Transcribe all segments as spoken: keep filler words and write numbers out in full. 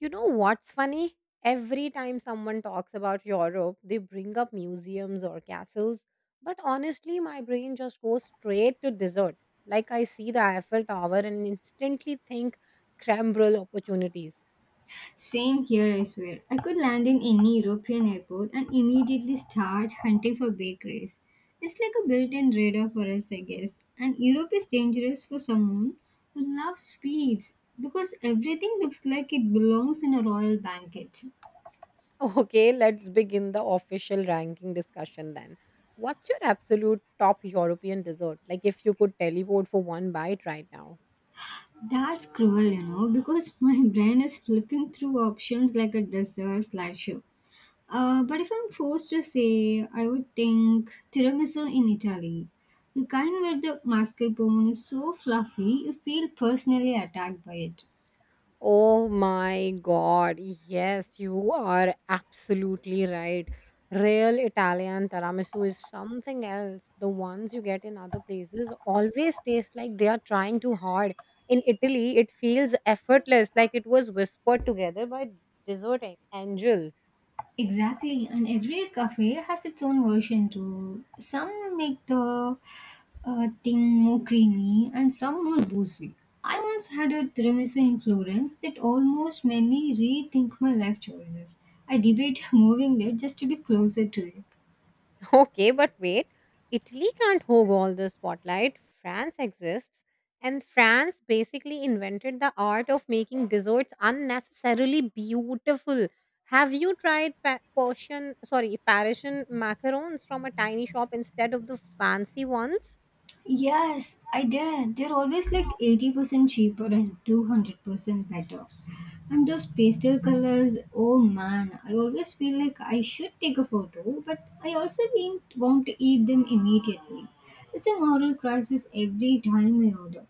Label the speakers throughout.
Speaker 1: You know what's funny? Every time someone talks about Europe, they bring up museums or castles. But honestly, my brain just goes straight to dessert. Like I see the Eiffel Tower and instantly think creme opportunities.
Speaker 2: Same here, I swear. I could land in any European airport and immediately start hunting for bakeries. It's like a built in radar for us, I guess. And Europe is dangerous for someone who loves sweets because everything looks like it belongs in a royal banquet.
Speaker 1: Okay, let's begin the official ranking discussion then. What's your absolute top European dessert? Like if you could teleport for one bite right now.
Speaker 2: That's cruel, you know, because my brain is flipping through options like a dessert slideshow. Uh, but if I'm forced to say, I would think tiramisu in Italy. The kind where the mascarpone is so fluffy, you feel personally attacked by it.
Speaker 1: Oh my god, yes, you are absolutely right. Real Italian tiramisu is something else. The ones you get in other places always taste like they are trying too hard. In Italy, it feels effortless, like it was whispered together by dessert a- angels.
Speaker 2: Exactly, and every cafe has its own version too. Some make the uh, thing more creamy and some more boozy. I once had a tiramisu in Florence that almost made me rethink my life choices. I debate moving there just to be closer to it.
Speaker 1: Okay, but wait. Italy can't hog all the spotlight. France exists, and France basically invented the art of making desserts unnecessarily beautiful. Have you tried pa- Persian, sorry, Parisian macarons from a tiny shop instead of the fancy ones?
Speaker 2: Yes, I did. They're always like eighty percent cheaper and two hundred percent better. And those pastel colors, oh man, I always feel like I should take a photo, but I also didn't want to eat them immediately. It's a moral crisis every time I order.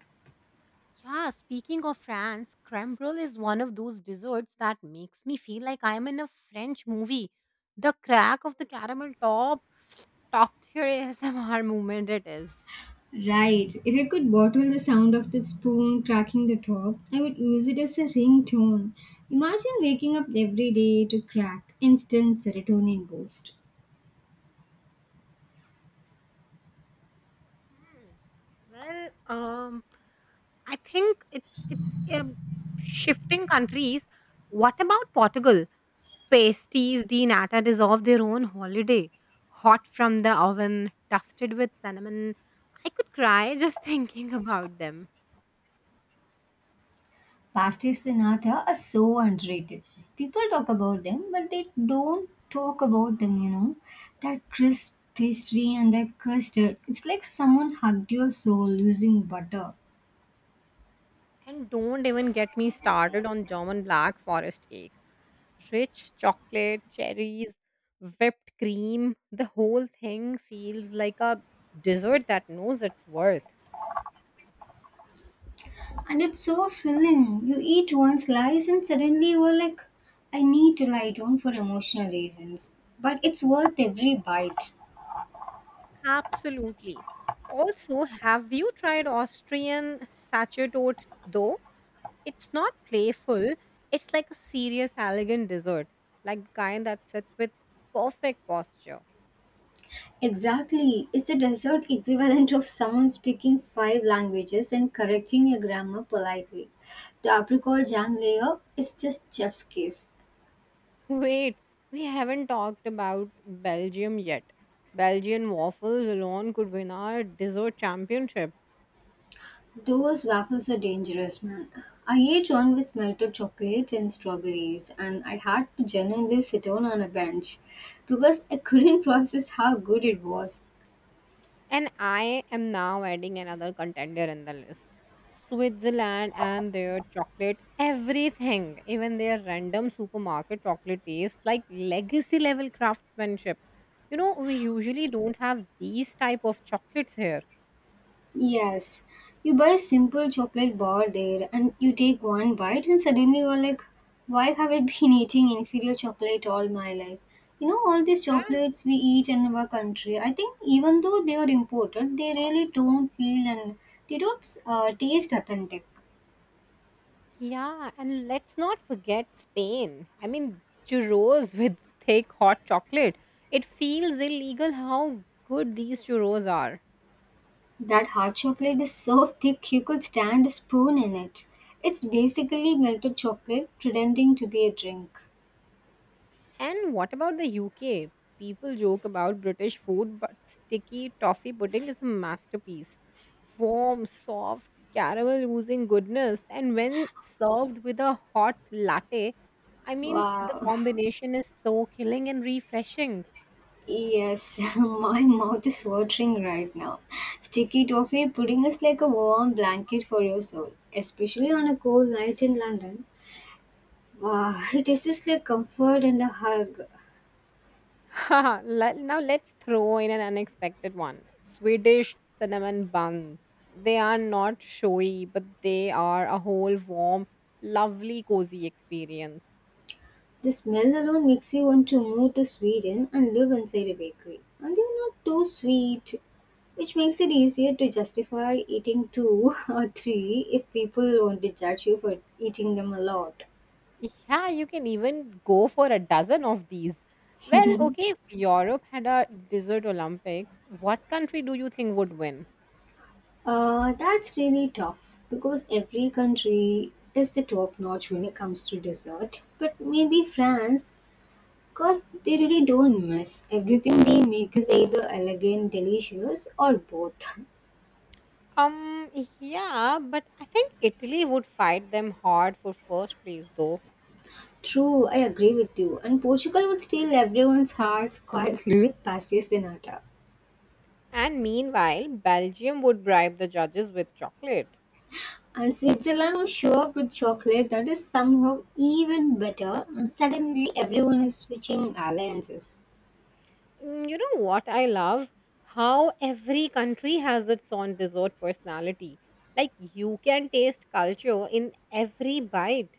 Speaker 1: Yeah, speaking of France, creme brulee is one of those desserts that makes me feel like I am in a French movie. The crack of the caramel top, top tier A S M R moment it is.
Speaker 2: Right, if I could bottle the sound of the spoon cracking the top, I would use it as a ringtone. Imagine waking up every day to crack instant serotonin boost.
Speaker 1: Hmm. Well, um, I think it's it's um, shifting countries. What about Portugal? Pasties de nata deserve their own holiday. Hot from the oven, dusted with cinnamon. I could cry just thinking about them.
Speaker 2: Pasties Pasti Sinatra are so underrated. People talk about them, but they don't talk about them, you know. That crisp pastry and that custard. It's like someone hugged your soul using butter.
Speaker 1: And don't even get me started on German black forest cake. Rich chocolate, cherries, whipped cream, the whole thing feels like a dessert that knows its worth.
Speaker 2: And it's so filling. You eat one slice and suddenly you're like, I need to lie down for emotional reasons. But it's worth every bite.
Speaker 1: Absolutely. Also, have you tried Austrian sacerdote though? It's not playful, it's like a serious, elegant dessert, like the kind that sits with perfect posture.
Speaker 2: Exactly. It's the dessert equivalent of someone speaking five languages and correcting your grammar politely. The apricot jam layer is just chef's kiss.
Speaker 1: Wait, we haven't talked about Belgium yet. Belgian waffles alone could win our dessert championship.
Speaker 2: Those waffles are dangerous, man. I ate one with melted chocolate and strawberries, and I had to genuinely sit down on a bench because I couldn't process how good it was.
Speaker 1: And I am now adding another contender in the list. Switzerland and their chocolate, everything, even their random supermarket chocolate taste like legacy level craftsmanship. You know, we usually don't have these type of chocolates here.
Speaker 2: Yes, you buy a simple chocolate bar there and you take one bite, and suddenly you're like, why have I been eating inferior chocolate all my life? You know, all these chocolates we eat in our country, I think even though they are imported, they really don't feel and they don't uh, taste authentic.
Speaker 1: Yeah, and let's not forget Spain. I mean, churros with thick hot chocolate. It feels illegal how good these churros are.
Speaker 2: That hard chocolate is so thick you could stand a spoon in it. It's basically melted chocolate pretending to be a drink.
Speaker 1: And what about the U K? People joke about British food, but sticky toffee pudding is a masterpiece. Warm, soft, caramel oozing goodness, and when served with a hot latte, I mean, the
Speaker 2: Wow.
Speaker 1: combination is so killing and refreshing.
Speaker 2: Yes, my mouth is watering right now. Sticky toffee pudding is like a warm blanket for your soul, especially on a cold night in London. Wow, it is just like comfort and a hug.
Speaker 1: Haha, let- now let's throw in an unexpected one. Swedish cinnamon buns. They are not showy, but they are a whole warm, lovely, cozy experience.
Speaker 2: The smell alone makes you want to move to Sweden and live inside a bakery. And they're not too sweet, which makes it easier to justify eating two or three if people want to judge you for eating them a lot.
Speaker 1: Yeah, you can even go for a dozen of these. Well, okay, if Europe had a dessert Olympics, what country do you think would win?
Speaker 2: Uh, that's really tough because every country is the top notch when it comes to dessert. But maybe France, because they really don't miss. Everything they make is either elegant, delicious, or both.
Speaker 1: Um, yeah, but I think Italy would fight them hard for first place, though.
Speaker 2: True, I agree with you. And Portugal would steal everyone's hearts quietly with pastéis de nata.
Speaker 1: And meanwhile, Belgium would bribe the judges with chocolate.
Speaker 2: And Switzerland will show up with chocolate that is somehow even better. And suddenly, everyone is switching alliances.
Speaker 1: Mm, you know what I love? How every country has its own dessert personality. Like, you can taste culture in every bite.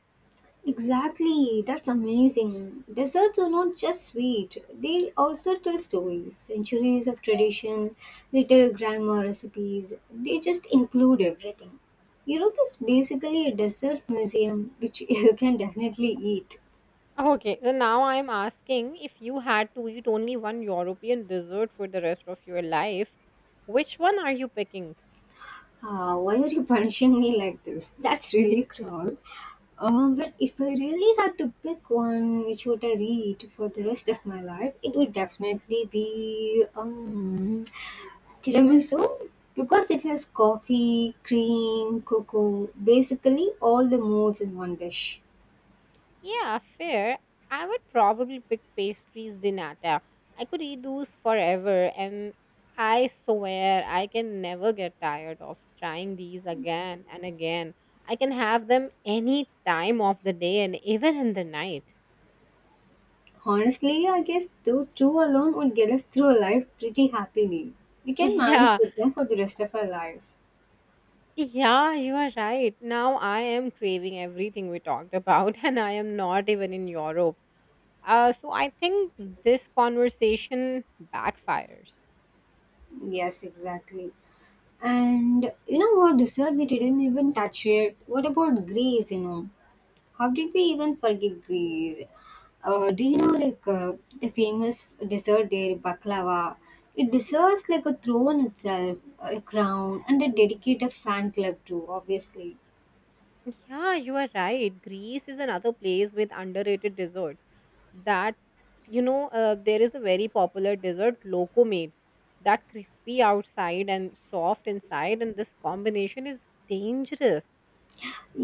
Speaker 2: Exactly, that's amazing. Desserts are not just sweet, they also tell stories, centuries of tradition, they tell grandma recipes, they just include everything. Europe is basically a dessert museum which you can definitely eat.
Speaker 1: Okay, so now I'm asking if you had to eat only one European dessert for the rest of your life, which one are you picking?
Speaker 2: Ah, why are you punishing me like this? That's really cruel. Uh, but if I really had to pick one which would I read for the rest of my life, it would definitely be um, tiramisu because it has coffee, cream, cocoa, basically all the moods in one dish.
Speaker 1: Yeah, fair. I would probably pick pastries di nata. I could eat those forever, and I swear I can never get tired of trying these again and again. I can have them any time of the day and even in the night.
Speaker 2: Honestly, I guess those two alone would get us through a life pretty happily. We can manage
Speaker 1: Yeah,
Speaker 2: with them for the rest of our lives.
Speaker 1: yeah, you are right. Now I am craving everything we talked about, and I am not even in Europe. Uh, so I think this conversation backfires.
Speaker 2: Yes, exactly. And you know what dessert we didn't even touch yet? What about Greece, you know? How did we even forget Greece? Uh, do you know like uh, the famous dessert there, baklava? It deserves like a throne itself, a crown, and a dedicated fan club too, obviously.
Speaker 1: Yeah, you are right. Greece is another place with underrated desserts. That, you know, uh, there is a very popular dessert, lokomates, that crispy outside and soft inside, and this combination is dangerous.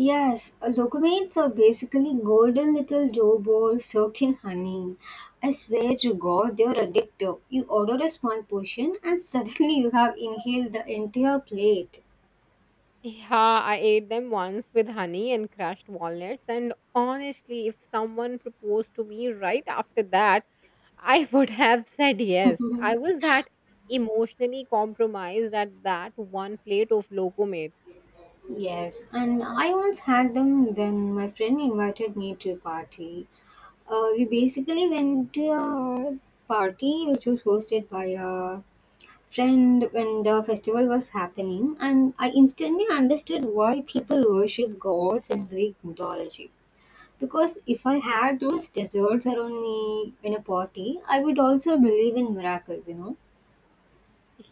Speaker 2: Yes, uh, locomates are basically golden little dough balls soaked in honey. I swear to God, they are addictive. You order a small portion, and suddenly you have inhaled the entire plate.
Speaker 1: Yeah, I ate them once with honey and crushed walnuts, and honestly, if someone proposed to me right after that, I would have said yes. I was that emotionally compromised at that one plate of lokomates.
Speaker 2: Yes, and I once had them when my friend invited me to a party. Uh, we basically went to a party which was hosted by a friend when the festival was happening, and I instantly understood why people worship gods in Greek mythology. Because if I had those desserts around me in a party, I would also believe in miracles, you know.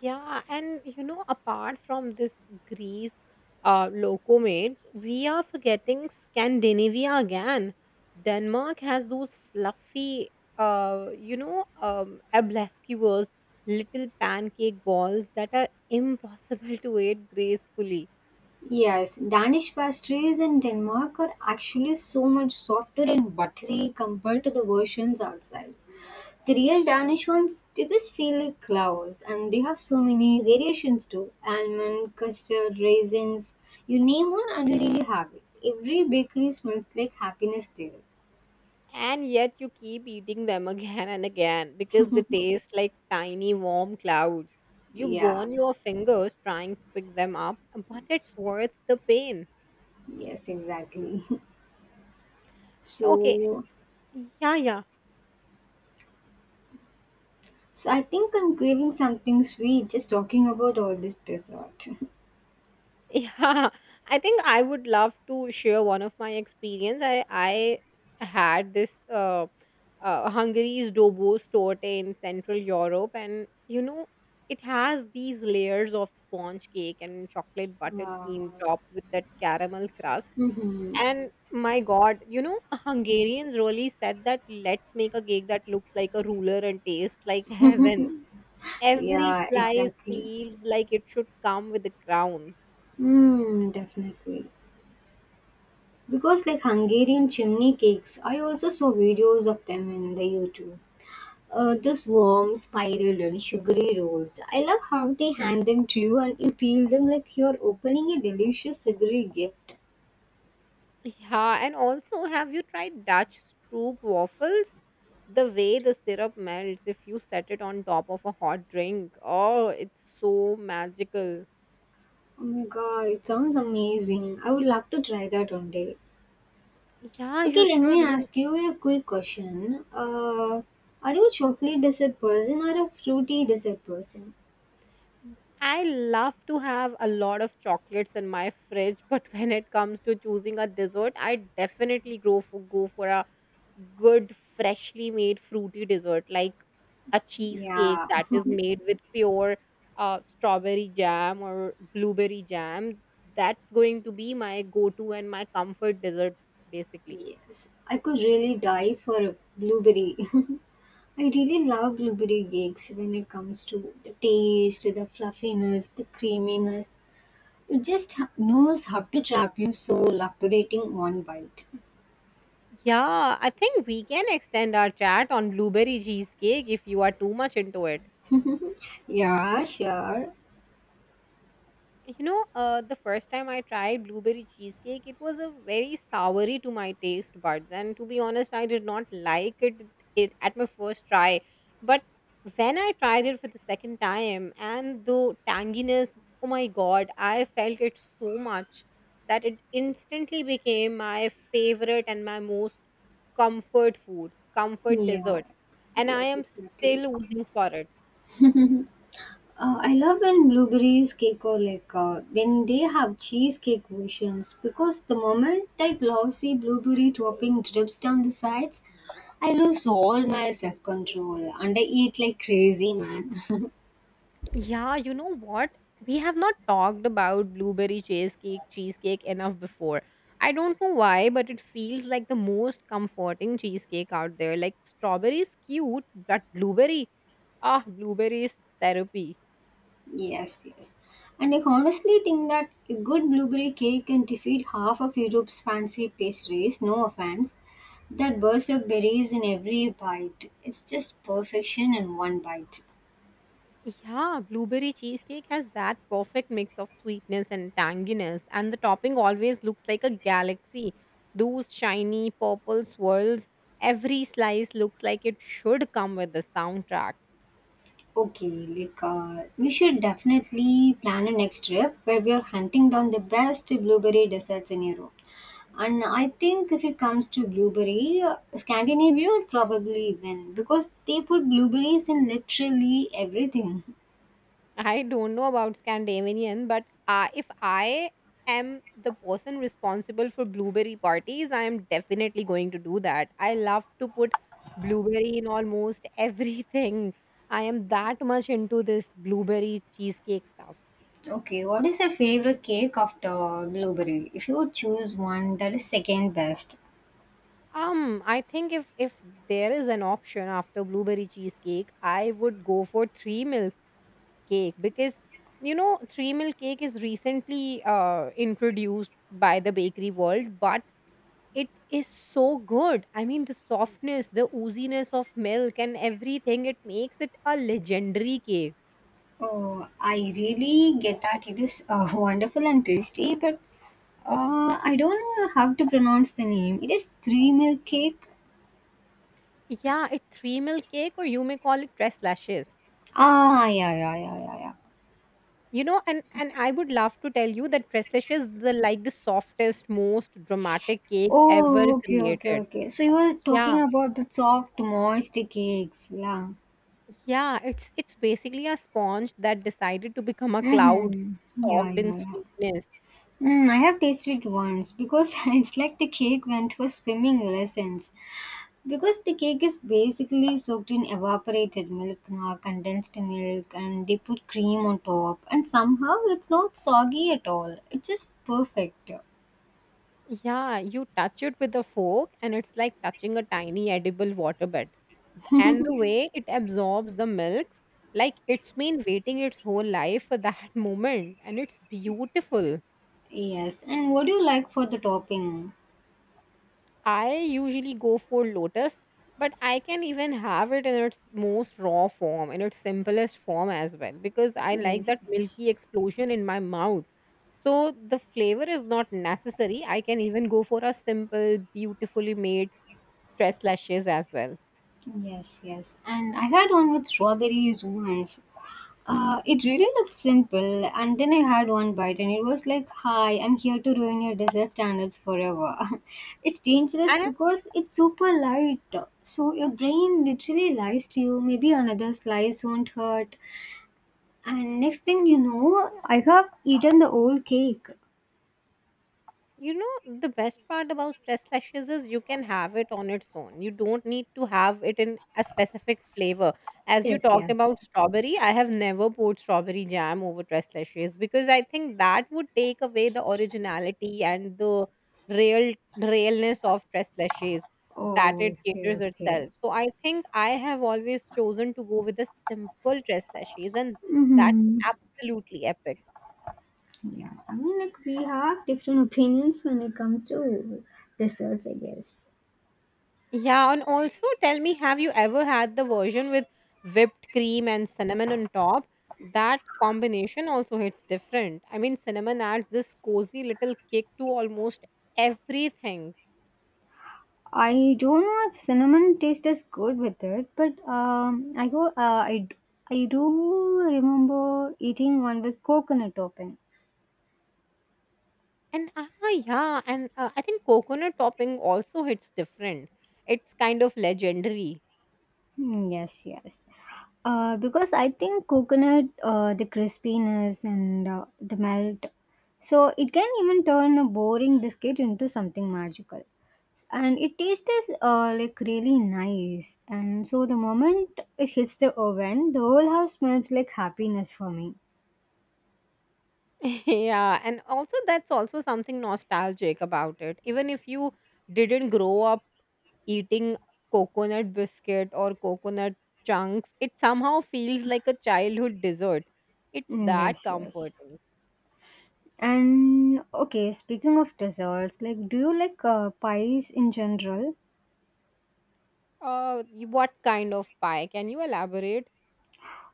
Speaker 1: Yeah, and you know, apart from this Greece uh, locomotives, we are forgetting Scandinavia again. Denmark has those fluffy, uh, you know, um, ablesquivers, little pancake balls that are impossible to eat gracefully.
Speaker 2: Yes, Danish pastries in Denmark are actually so much softer and buttery compared to the versions outside. The real Danish ones, they just feel like clouds, and they have so many variations too almond, custard, raisins. You name one, and you really have it. Every bakery smells like happiness there.
Speaker 1: And yet you keep eating them again and again because they taste like tiny warm clouds. You
Speaker 2: Yeah,
Speaker 1: burn your fingers trying to pick them up, but it's worth the pain.
Speaker 2: yes, exactly.
Speaker 1: Okay,
Speaker 2: So,
Speaker 1: yeah, yeah.
Speaker 2: so I think I'm craving something sweet just talking about all this dessert.
Speaker 1: Yeah. I think I would love to share one of my experience. I I had this uh, uh Hungary's Dobos torte in Central Europe, and you know it has these layers of sponge cake and chocolate
Speaker 2: Wow.
Speaker 1: buttercream topped with that caramel crust.
Speaker 2: Mhm.
Speaker 1: And my God, you know, Hungarians really said that let's make a cake that looks like a ruler and tastes like heaven. Every
Speaker 2: Yeah,
Speaker 1: slice
Speaker 2: exactly.
Speaker 1: feels like it should come with a crown.
Speaker 2: Hmm, definitely. Because like Hungarian chimney cakes, I also saw videos of them in the YouTube. Uh, those warm, spiral, and sugary rolls. I love how they hand them to you and you peel them like you're opening a delicious sugary gift.
Speaker 1: Yeah, and also, have you tried Dutch Stroop waffles? The way the syrup melts if you set it on top of a hot drink. Oh, it's so magical.
Speaker 2: Oh my god, it sounds amazing. I would love to try that one day.
Speaker 1: Yeah,
Speaker 2: Okay,
Speaker 1: you
Speaker 2: let
Speaker 1: should.
Speaker 2: me
Speaker 1: You,
Speaker 2: ask you a quick question. Uh, are you a chocolate dessert person or a fruity dessert person?
Speaker 1: I love to have a lot of chocolates in my fridge, but when it comes to choosing a dessert, I definitely go for go for a good freshly made fruity dessert like a cheesecake
Speaker 2: Yeah.
Speaker 1: that is made with pure uh, strawberry jam or blueberry jam. That's going to be my go-to and my comfort dessert basically.
Speaker 2: Yes, I could really die for a blueberry. I really love blueberry cakes when it comes to the taste, the fluffiness, the creaminess. It just ha- knows how to trap you soul after eating one bite.
Speaker 1: Yeah, I think we can extend our chat on blueberry cheesecake if you are too much into it.
Speaker 2: Yeah, sure.
Speaker 1: You know, uh, the first time I tried blueberry cheesecake, it was a very soury to my taste buds, and to be honest, I did not like it, it at my first try. But when I tried it for the second time and the tanginess, oh my god, I felt it so much that it instantly became my favorite and my most comfort food comfort
Speaker 2: Yeah,
Speaker 1: dessert. And I
Speaker 2: yes,
Speaker 1: am
Speaker 2: exactly.
Speaker 1: still oozing for it.
Speaker 2: Uh, I love when blueberries cake or like uh, when they have cheesecake versions because the moment that glossy blueberry topping drips down the sides, I lose all my self control and I eat like crazy, man.
Speaker 1: Yeah, you know what? We have not talked about blueberry cheesecake, cheesecake enough before. I don't know why, but it feels like the most comforting cheesecake out there. Like strawberry is cute, but blueberry, ah, blueberry is therapy.
Speaker 2: Yes, yes. And I honestly think that a good blueberry cake can defeat half of Europe's fancy pastries, no offense. That burst of berries in every bite. It's just perfection in one bite.
Speaker 1: Yeah, blueberry cheesecake has that perfect mix of sweetness and tanginess, and the topping always looks like a galaxy. Those shiny purple swirls, every slice looks like it should come with a soundtrack.
Speaker 2: Okay, like uh, we should definitely plan a next trip where we are hunting down the best blueberry desserts in Europe. And I think if it comes to blueberry, uh, Scandinavia would probably win because they put blueberries in literally everything.
Speaker 1: I don't know about Scandinavian, but uh, if I am the person responsible for blueberry parties, I am definitely going to do that. I love to put blueberry in almost everything. I am that much into this blueberry cheesecake stuff.
Speaker 2: Okay, what is your favorite cake after blueberry? If you would choose one that is second best.
Speaker 1: Um, I think if if there is an option after blueberry cheesecake, I would go for three milk cake, because you know three milk cake is recently uh introduced by the bakery world, but it is so good. I mean, the softness, the ooziness of milk, and everything, it makes it a legendary cake.
Speaker 2: Oh, I really get that. It is uh, wonderful and tasty, but Uh, I don't know how to pronounce the name. It is three milk cake.
Speaker 1: Yeah, it's three milk cake, or you may call it tres lashes.
Speaker 2: Ah, yeah, yeah, yeah, yeah, yeah.
Speaker 1: You know, and, and I would love to tell you that tres lashes is the, like the softest, most dramatic cake ever
Speaker 2: Oh, okay, okay,
Speaker 1: created.
Speaker 2: okay. So you were
Speaker 1: Yeah.
Speaker 2: talking about the soft, moist cakes. Yeah.
Speaker 1: Yeah, it's it's basically a sponge that decided to become a cloud
Speaker 2: Mm-hmm. Yeah,
Speaker 1: soaked in
Speaker 2: yeah, yeah.
Speaker 1: sweetness.
Speaker 2: Mm, I have tasted once because it's like the cake went for swimming lessons. Because the cake is basically soaked in evaporated milk, uh, condensed milk, and they put cream on top, and somehow it's not soggy at all. It's just perfect.
Speaker 1: Yeah, you touch it with a fork and it's like touching a tiny edible waterbed. Th- And the way it absorbs the milks, like it's been waiting its whole life for that moment, and it's beautiful.
Speaker 2: Yes, and what do you like for the topping?
Speaker 1: I usually go for lotus, but I can even have it in its most raw form, in its simplest form as well, because I like
Speaker 2: Yes,
Speaker 1: that
Speaker 2: yes,
Speaker 1: milky explosion in my mouth. So the flavor is not necessary. I can even go for a simple, beautifully made stress lashes as well.
Speaker 2: yes, yes. And I had one with strawberries once. Uh, it really looked simple, and then I had one bite, and it was like, "Hi, I'm here to ruin your dessert standards forever." It's dangerous
Speaker 1: And uh,
Speaker 2: because it's super light, so your brain literally lies to you. Maybe another slice won't hurt, and next thing you know, I have eaten the whole cake.
Speaker 1: You know, the best part about stress lashes is you can have it on its own. You don't need to have it in a specific flavor. As you
Speaker 2: Yes,
Speaker 1: talked
Speaker 2: yes.
Speaker 1: about strawberry, I have never poured strawberry jam over stress lashes because I think that would take away the originality and the real realness of stress lashes that
Speaker 2: Oh,
Speaker 1: it
Speaker 2: okay,
Speaker 1: caters
Speaker 2: okay.
Speaker 1: itself. So I think I have always chosen to go with the simple stress lashes, and that's
Speaker 2: Hmm.
Speaker 1: absolutely epic.
Speaker 2: Yeah, I mean, like we have different opinions when it comes to desserts, I guess.
Speaker 1: Yeah, and also tell me, have you ever had the version with whipped cream and cinnamon on top? That combination also hits different. I mean, cinnamon adds this cozy little kick to almost everything.
Speaker 2: I don't know if cinnamon taste is good with it, but um, I go, uh, I, d- I do remember eating one with coconut topping.
Speaker 1: And ah, yeah, and uh, I think coconut topping also hits different. It's kind of legendary.
Speaker 2: Hmm, yes, yes. Uh, because I think coconut, uh, the crispiness and uh, the melt, so it can even turn a boring biscuit into something magical. And it tastes uh, like really nice. And so the moment it hits the oven, the whole house smells like happiness for me.
Speaker 1: Yeah, and also that's also something nostalgic about it. Even if you didn't grow up eating coconut biscuit or coconut chunks, it somehow feels like a childhood dessert. It's
Speaker 2: Mm,
Speaker 1: that
Speaker 2: yes, yes.
Speaker 1: comforting.
Speaker 2: And okay, speaking of desserts, like, do you like uh, pies in general?
Speaker 1: Uh y- what kind of pie, can you elaborate?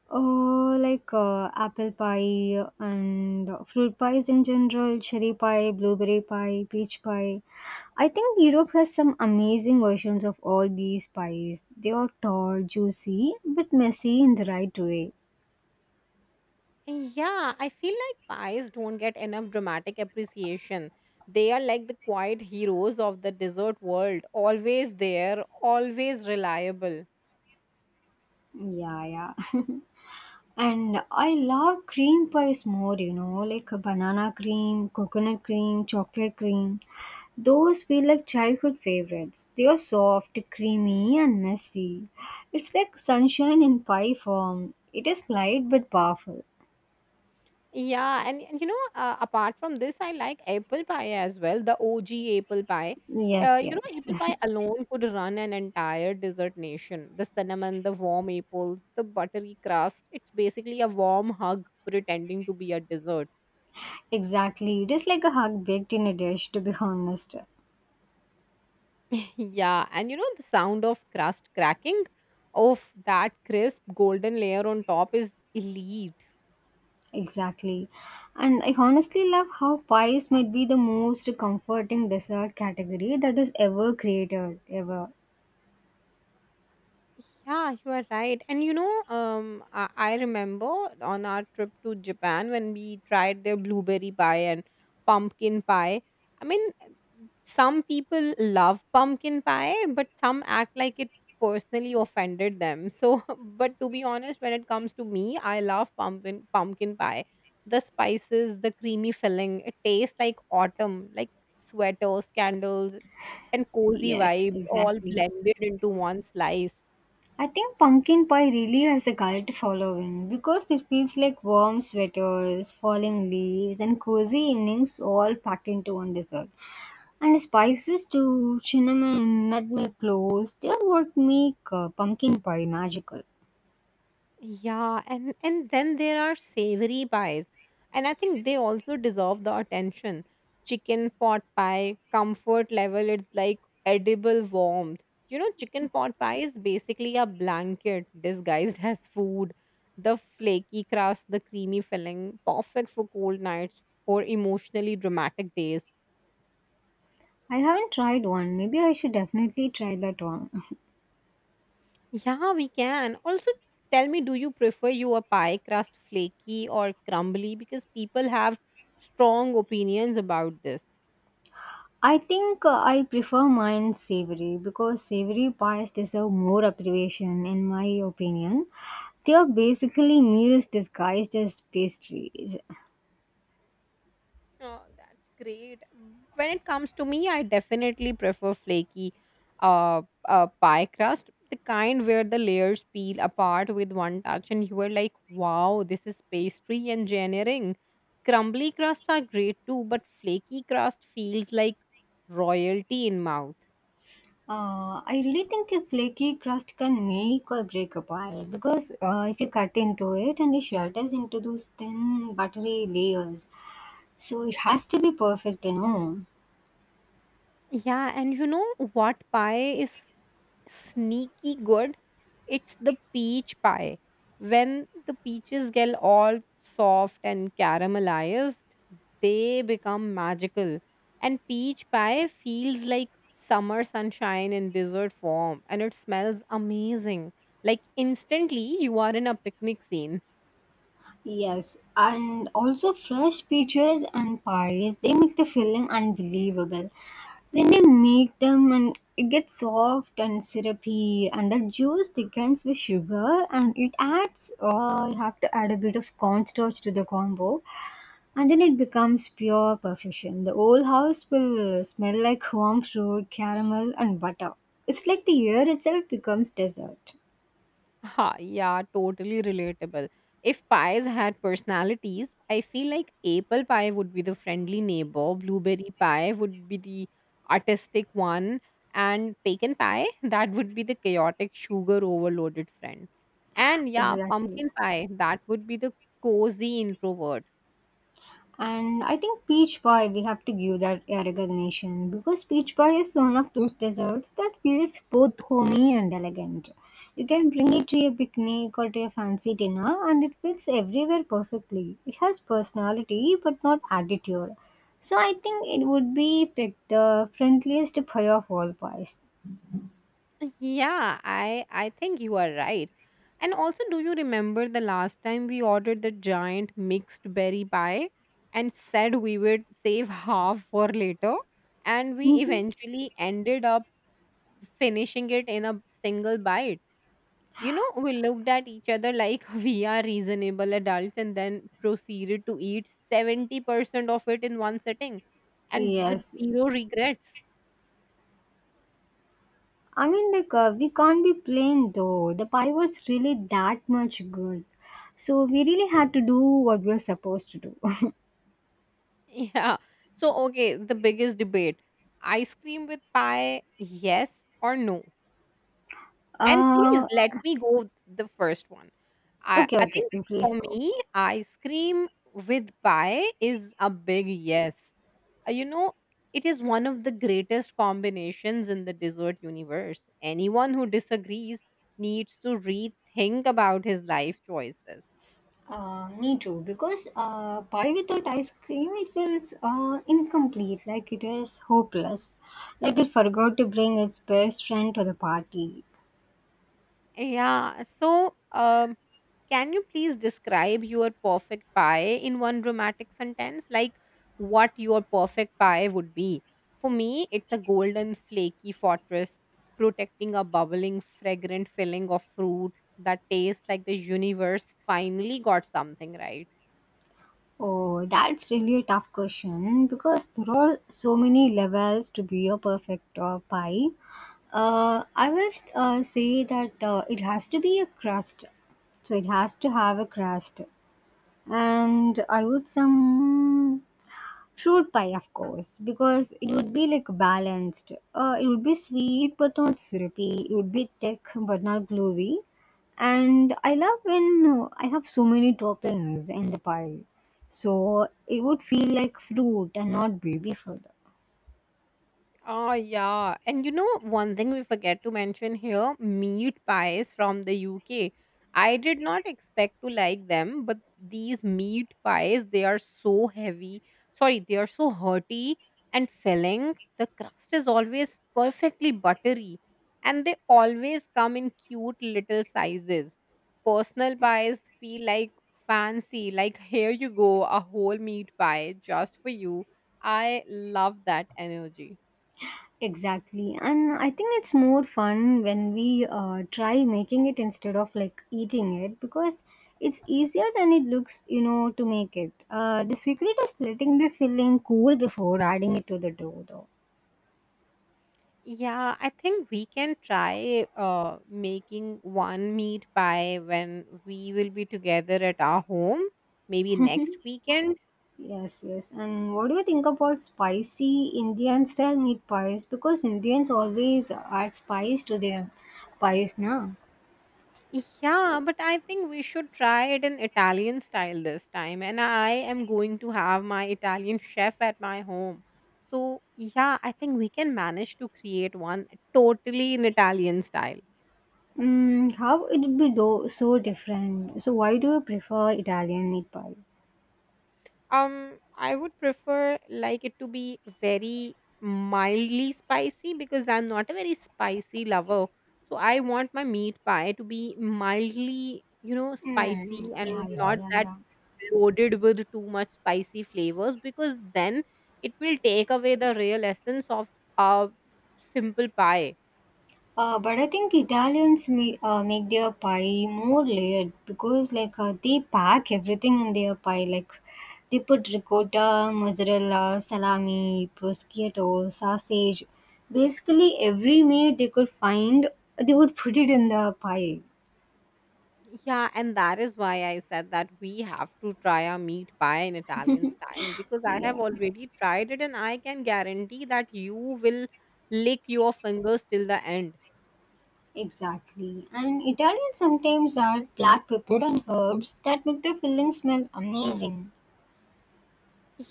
Speaker 2: Uh, like uh, apple pie and fruit pies in general, cherry pie, blueberry pie, peach pie. I think Europe has some amazing versions of all these pies. They are tall, juicy, but messy in the right way.
Speaker 1: Yeah, I feel like pies don't get enough dramatic appreciation. They are like the quiet heroes of the dessert world, always there, always reliable.
Speaker 2: Yeah, yeah. And I love cream pies more, you know, like a banana cream, coconut cream, chocolate cream. Those feel like childhood favorites. They are soft, creamy, and messy. It's like sunshine in pie form. It is light but powerful.
Speaker 1: Yeah, and, and you know, uh, apart from this, I like apple pie as well, the O G apple pie. Uh,
Speaker 2: Yes,
Speaker 1: you know,
Speaker 2: yes.
Speaker 1: apple pie alone could run an entire dessert nation. The cinnamon, the warm apples, the buttery crust. It's basically a warm hug pretending to be a dessert.
Speaker 2: Exactly. It is like a hug baked in a dish, to be honest.
Speaker 1: Yeah, and you know, the sound of crust cracking of that crisp golden layer on top is elite.
Speaker 2: Exactly. And I honestly love how pies might be the most comforting dessert category that is ever created, ever.
Speaker 1: Yeah, you are right. And you know, um, I, I remember on our trip to Japan when we tried their blueberry pie and pumpkin pie. I mean, some people love pumpkin pie, but some act like it personally offended them. So, but to be honest, when it comes to me, I love pumpkin pumpkin pie. The spices, the creamy filling, it tastes like autumn, like sweaters, candles, and cozy
Speaker 2: Yes,
Speaker 1: vibes all
Speaker 2: exactly.
Speaker 1: blended into one slice.
Speaker 2: I think pumpkin pie really has a cult following because it feels like warm sweaters, falling leaves, and cozy evenings all packed into one dessert. And the spices too, cinnamon, nutmeg, cloves, they are what make uh, pumpkin pie magical.
Speaker 1: Yeah, and and then there are savory pies, and I think they also deserve the attention. Chicken pot pie, comfort level, it's like edible warmth. You know, chicken pot pie is basically a blanket disguised as food. The flaky crust, the creamy filling, perfect for cold nights or emotionally dramatic days.
Speaker 2: I haven't tried one. Maybe I should definitely try that one.
Speaker 1: Yeah, we can. Also, tell me, do you prefer your pie crust flaky or crumbly? Because people have strong opinions about this.
Speaker 2: I think uh, I prefer mine savory because savory pies deserve more appreciation, in my opinion. They are basically meals disguised as pastries.
Speaker 1: Oh, that's great. When it comes to me, I definitely prefer flaky uh, uh, pie crust, the kind where the layers peel apart with one touch, and you are like, wow, this is pastry engineering. Crumbly crusts are great too, but flaky crust feels like royalty in mouth.
Speaker 2: Uh, I really think a flaky crust can make or break a pie because uh, if you cut into it and it shatters into those thin buttery layers, so it has to be perfect, you know.
Speaker 1: Yeah, and you know what pie is sneaky good? It's the peach pie. When the peaches get all soft and caramelized, they become magical. And peach pie feels like summer sunshine in dessert form, and it smells amazing. Like instantly, you are in a picnic scene.
Speaker 2: Yes, and also fresh peaches and pies, they make the filling unbelievable. When they make them and it gets soft and syrupy and the juice thickens with sugar and it adds uh, you have to add a bit of cornstarch to the combo and then it becomes pure perfection. The whole house will smell like warm fruit, caramel and butter. It's like the year itself becomes dessert.
Speaker 1: Ha, yeah, totally relatable. If pies had personalities, I feel like apple pie would be the friendly neighbor, blueberry pie would be the artistic one, and pecan pie, that would be the chaotic, sugar overloaded friend. And yeah,
Speaker 2: Exactly.
Speaker 1: pumpkin pie, that would be the cozy introvert.
Speaker 2: And I think Peach Pie, we have to give that a recognition because Peach Pie is one of those desserts that feels both homey and elegant. You can bring it to your picnic or to a fancy dinner, and it fits everywhere perfectly. It has personality but not attitude. So I think it would be picked the friendliest pie of all pies.
Speaker 1: Yeah, I I think you are right. And also, do you remember the last time we ordered the giant mixed berry pie and said we would save half for later? And we
Speaker 2: Mhm.
Speaker 1: eventually ended up finishing it in a single bite. You know, we looked at each other like we are reasonable adults and then proceeded to eat seventy percent of it in one sitting and with
Speaker 2: Yes,
Speaker 1: zero regrets.
Speaker 2: I mean, like, uh, we can't be plain though. The pie was really that much good. So we really had to do what we were supposed to do.
Speaker 1: Yeah. So, okay, the biggest debate, ice cream with pie, yes or no? And please
Speaker 2: uh,
Speaker 1: let me go with the first one. I,
Speaker 2: okay,
Speaker 1: I
Speaker 2: okay,
Speaker 1: think
Speaker 2: you please
Speaker 1: for
Speaker 2: go.
Speaker 1: me, ice cream with pie is a big yes. Uh, You know, it is one of the greatest combinations in the dessert universe. Anyone who disagrees needs to rethink about his life choices.
Speaker 2: Uh, me too, because uh, pie without ice cream, it feels uh, incomplete, like it is hopeless. Like it forgot to bring its best friend to the party.
Speaker 1: Yeah. So, um, can you please describe your perfect pie in one dramatic sentence? Like what your perfect pie would be? For me, it's a golden, flaky fortress protecting a bubbling, fragrant filling of fruit that tastes like the universe finally got something right.
Speaker 2: Oh, that's really a tough question because there are so many levels to be a perfect uh, pie. Uh, I will uh, say that uh, it has to be a crust, so it has to have a crust, and I would some fruit pie, of course, because it would be like balanced. Uh, it would be sweet but not syrupy. It would be thick but not gluey. And I love when uh, I have so many toppings in the pie. So it would feel like fruit and not baby food.
Speaker 1: Oh, yeah. And you know, one thing we forget to mention here, meat pies from the U K. I did not expect to like them, but these meat pies, they are so heavy. Sorry, they are so hearty and filling. The crust is always perfectly buttery, and they always come in cute little sizes. Personal pies feel like fancy, like here you go, a whole meat pie just for you. I love that energy.
Speaker 2: Exactly. And I think it's more fun when we uh, try making it instead of like eating it because it's easier than it looks, you know, to make it. Uh, the secret is letting the filling cool before adding it to the dough, though.
Speaker 1: Yeah, I think we can try uh, making one meat pie when we will be together at our home, maybe next weekend.
Speaker 2: Yes, yes. And what do you think about spicy Indian style meat pies? Because Indians always add spice to their pies now.
Speaker 1: Yeah, but I think we should try it in Italian style this time. And I am going to have my Italian chef at my home. So, yeah, I think we can manage to create one totally in Italian style.
Speaker 2: Mm, how it would be do- so different? So, why do you prefer Italian meat pie?
Speaker 1: Um, I would prefer like it to be very mildly spicy because I'm not a very spicy lover. So I want my meat pie to be mildly, you know,
Speaker 2: Mm,
Speaker 1: spicy and
Speaker 2: yeah, mm, yeah, yeah.
Speaker 1: not
Speaker 2: Yeah,
Speaker 1: that
Speaker 2: yeah.
Speaker 1: loaded with too much spicy flavors because then it will take away the real essence of a simple pie.
Speaker 2: Uh, but I think Italians ma- uh, make their pie more layered because, like, uh, they pack everything in their pie. Like, they put ricotta, mozzarella, salami, prosciutto, sausage. Basically, every meat they could find, they would put it in the pie.
Speaker 1: Yeah, and that is why I said that we have to try a meat pie in Italian style because I have
Speaker 2: Yeah,
Speaker 1: already tried it and I can guarantee that you will lick your fingers till the end.
Speaker 2: exactly. And Italians sometimes add black pepper and herbs that make the filling smell amazing.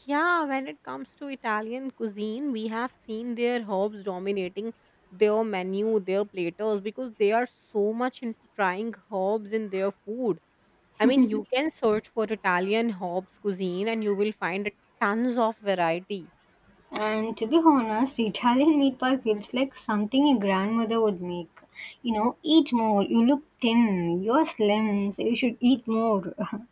Speaker 1: Yeah, when it comes to Italian cuisine, we have seen their herbs dominating their menu, their platters because they are so much into trying herbs in their food. I mean, you can search for Italian herbs cuisine and you will find tons of variety.
Speaker 2: And to be honest, Italian meat pie feels like something your grandmother would make. You know, eat more. You look thin. You're slim, so you should eat more.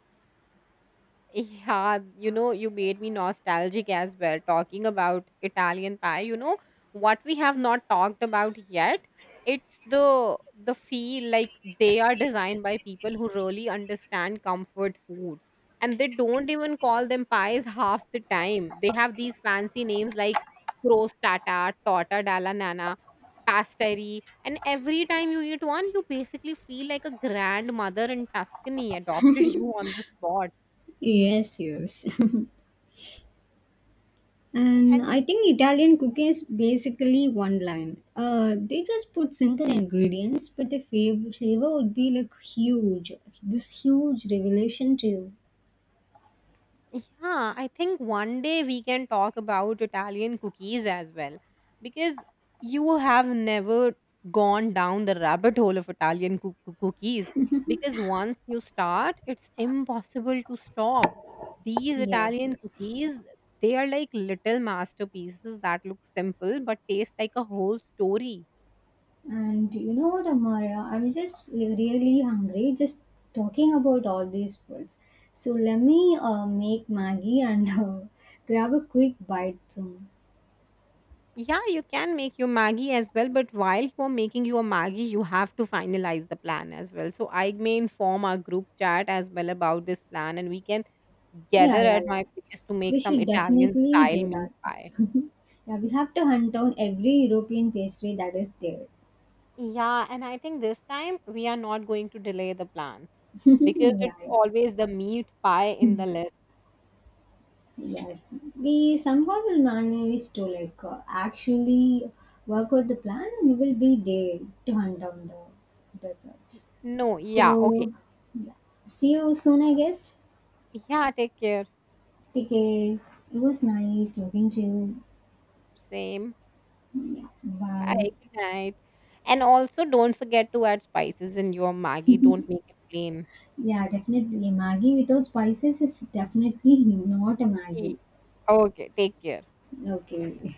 Speaker 1: Yeah, you know, you made me nostalgic as well talking about Italian pie. You know, what we have not talked about yet, it's the the feel like they are designed by people who really understand comfort food. And they don't even call them pies half the time. They have these fancy names like crostata, torta dalla nana, pastry. And every time you eat one, you basically feel like a grandmother in Tuscany adopted you on the spot.
Speaker 2: Yes, yes. And
Speaker 1: And
Speaker 2: I think Italian cooking is basically one line. Uh, they just put simple ingredients, but the fav- flavor would be like huge. This huge revelation to you.
Speaker 1: yeah, I think one day we can talk about Italian cookies as well because you have never gone down the rabbit hole of Italian coo- coo- cookies because once you start, it's impossible to stop. These
Speaker 2: Yes,
Speaker 1: Italian
Speaker 2: yes.
Speaker 1: cookies, they are like little masterpieces that look simple but taste like a whole story.
Speaker 2: And you know what, Amaria? I'm just really hungry just talking about all these foods. So let me uh, make Maggie and uh, grab a quick bite soon.
Speaker 1: Yeah, you can make your Maggie as well, but while you're making your Maggie, you have to finalize the plan as well. So I may inform our group chat as well about this plan, and we can
Speaker 2: Yeah,
Speaker 1: gather
Speaker 2: yeah,
Speaker 1: at
Speaker 2: yeah.
Speaker 1: my place to make
Speaker 2: We
Speaker 1: some
Speaker 2: should
Speaker 1: Italian
Speaker 2: definitely
Speaker 1: style
Speaker 2: do
Speaker 1: meat
Speaker 2: that.
Speaker 1: pie.
Speaker 2: yeah, we have to hunt down every European pastry that is there.
Speaker 1: Yeah, and I think this time we are not going to delay the plan because
Speaker 2: yeah,
Speaker 1: it's
Speaker 2: yeah.
Speaker 1: always the meat pie in the list.
Speaker 2: Yes, we somehow will manage to like uh, actually work out the plan and we will be there to hunt down the desserts.
Speaker 1: No, yeah, okay.
Speaker 2: So, yeah. See you soon, I guess.
Speaker 1: Yeah, take care.
Speaker 2: Take care. It was nice talking to you.
Speaker 1: Same.
Speaker 2: Yeah, bye.
Speaker 1: Bye. Good night. And also, don't forget to add spices in your Maggie. Don't make it plain.
Speaker 2: Yeah, definitely. Maggie without spices is definitely not a Maggie.
Speaker 1: Okay, okay, take care.
Speaker 2: Okay.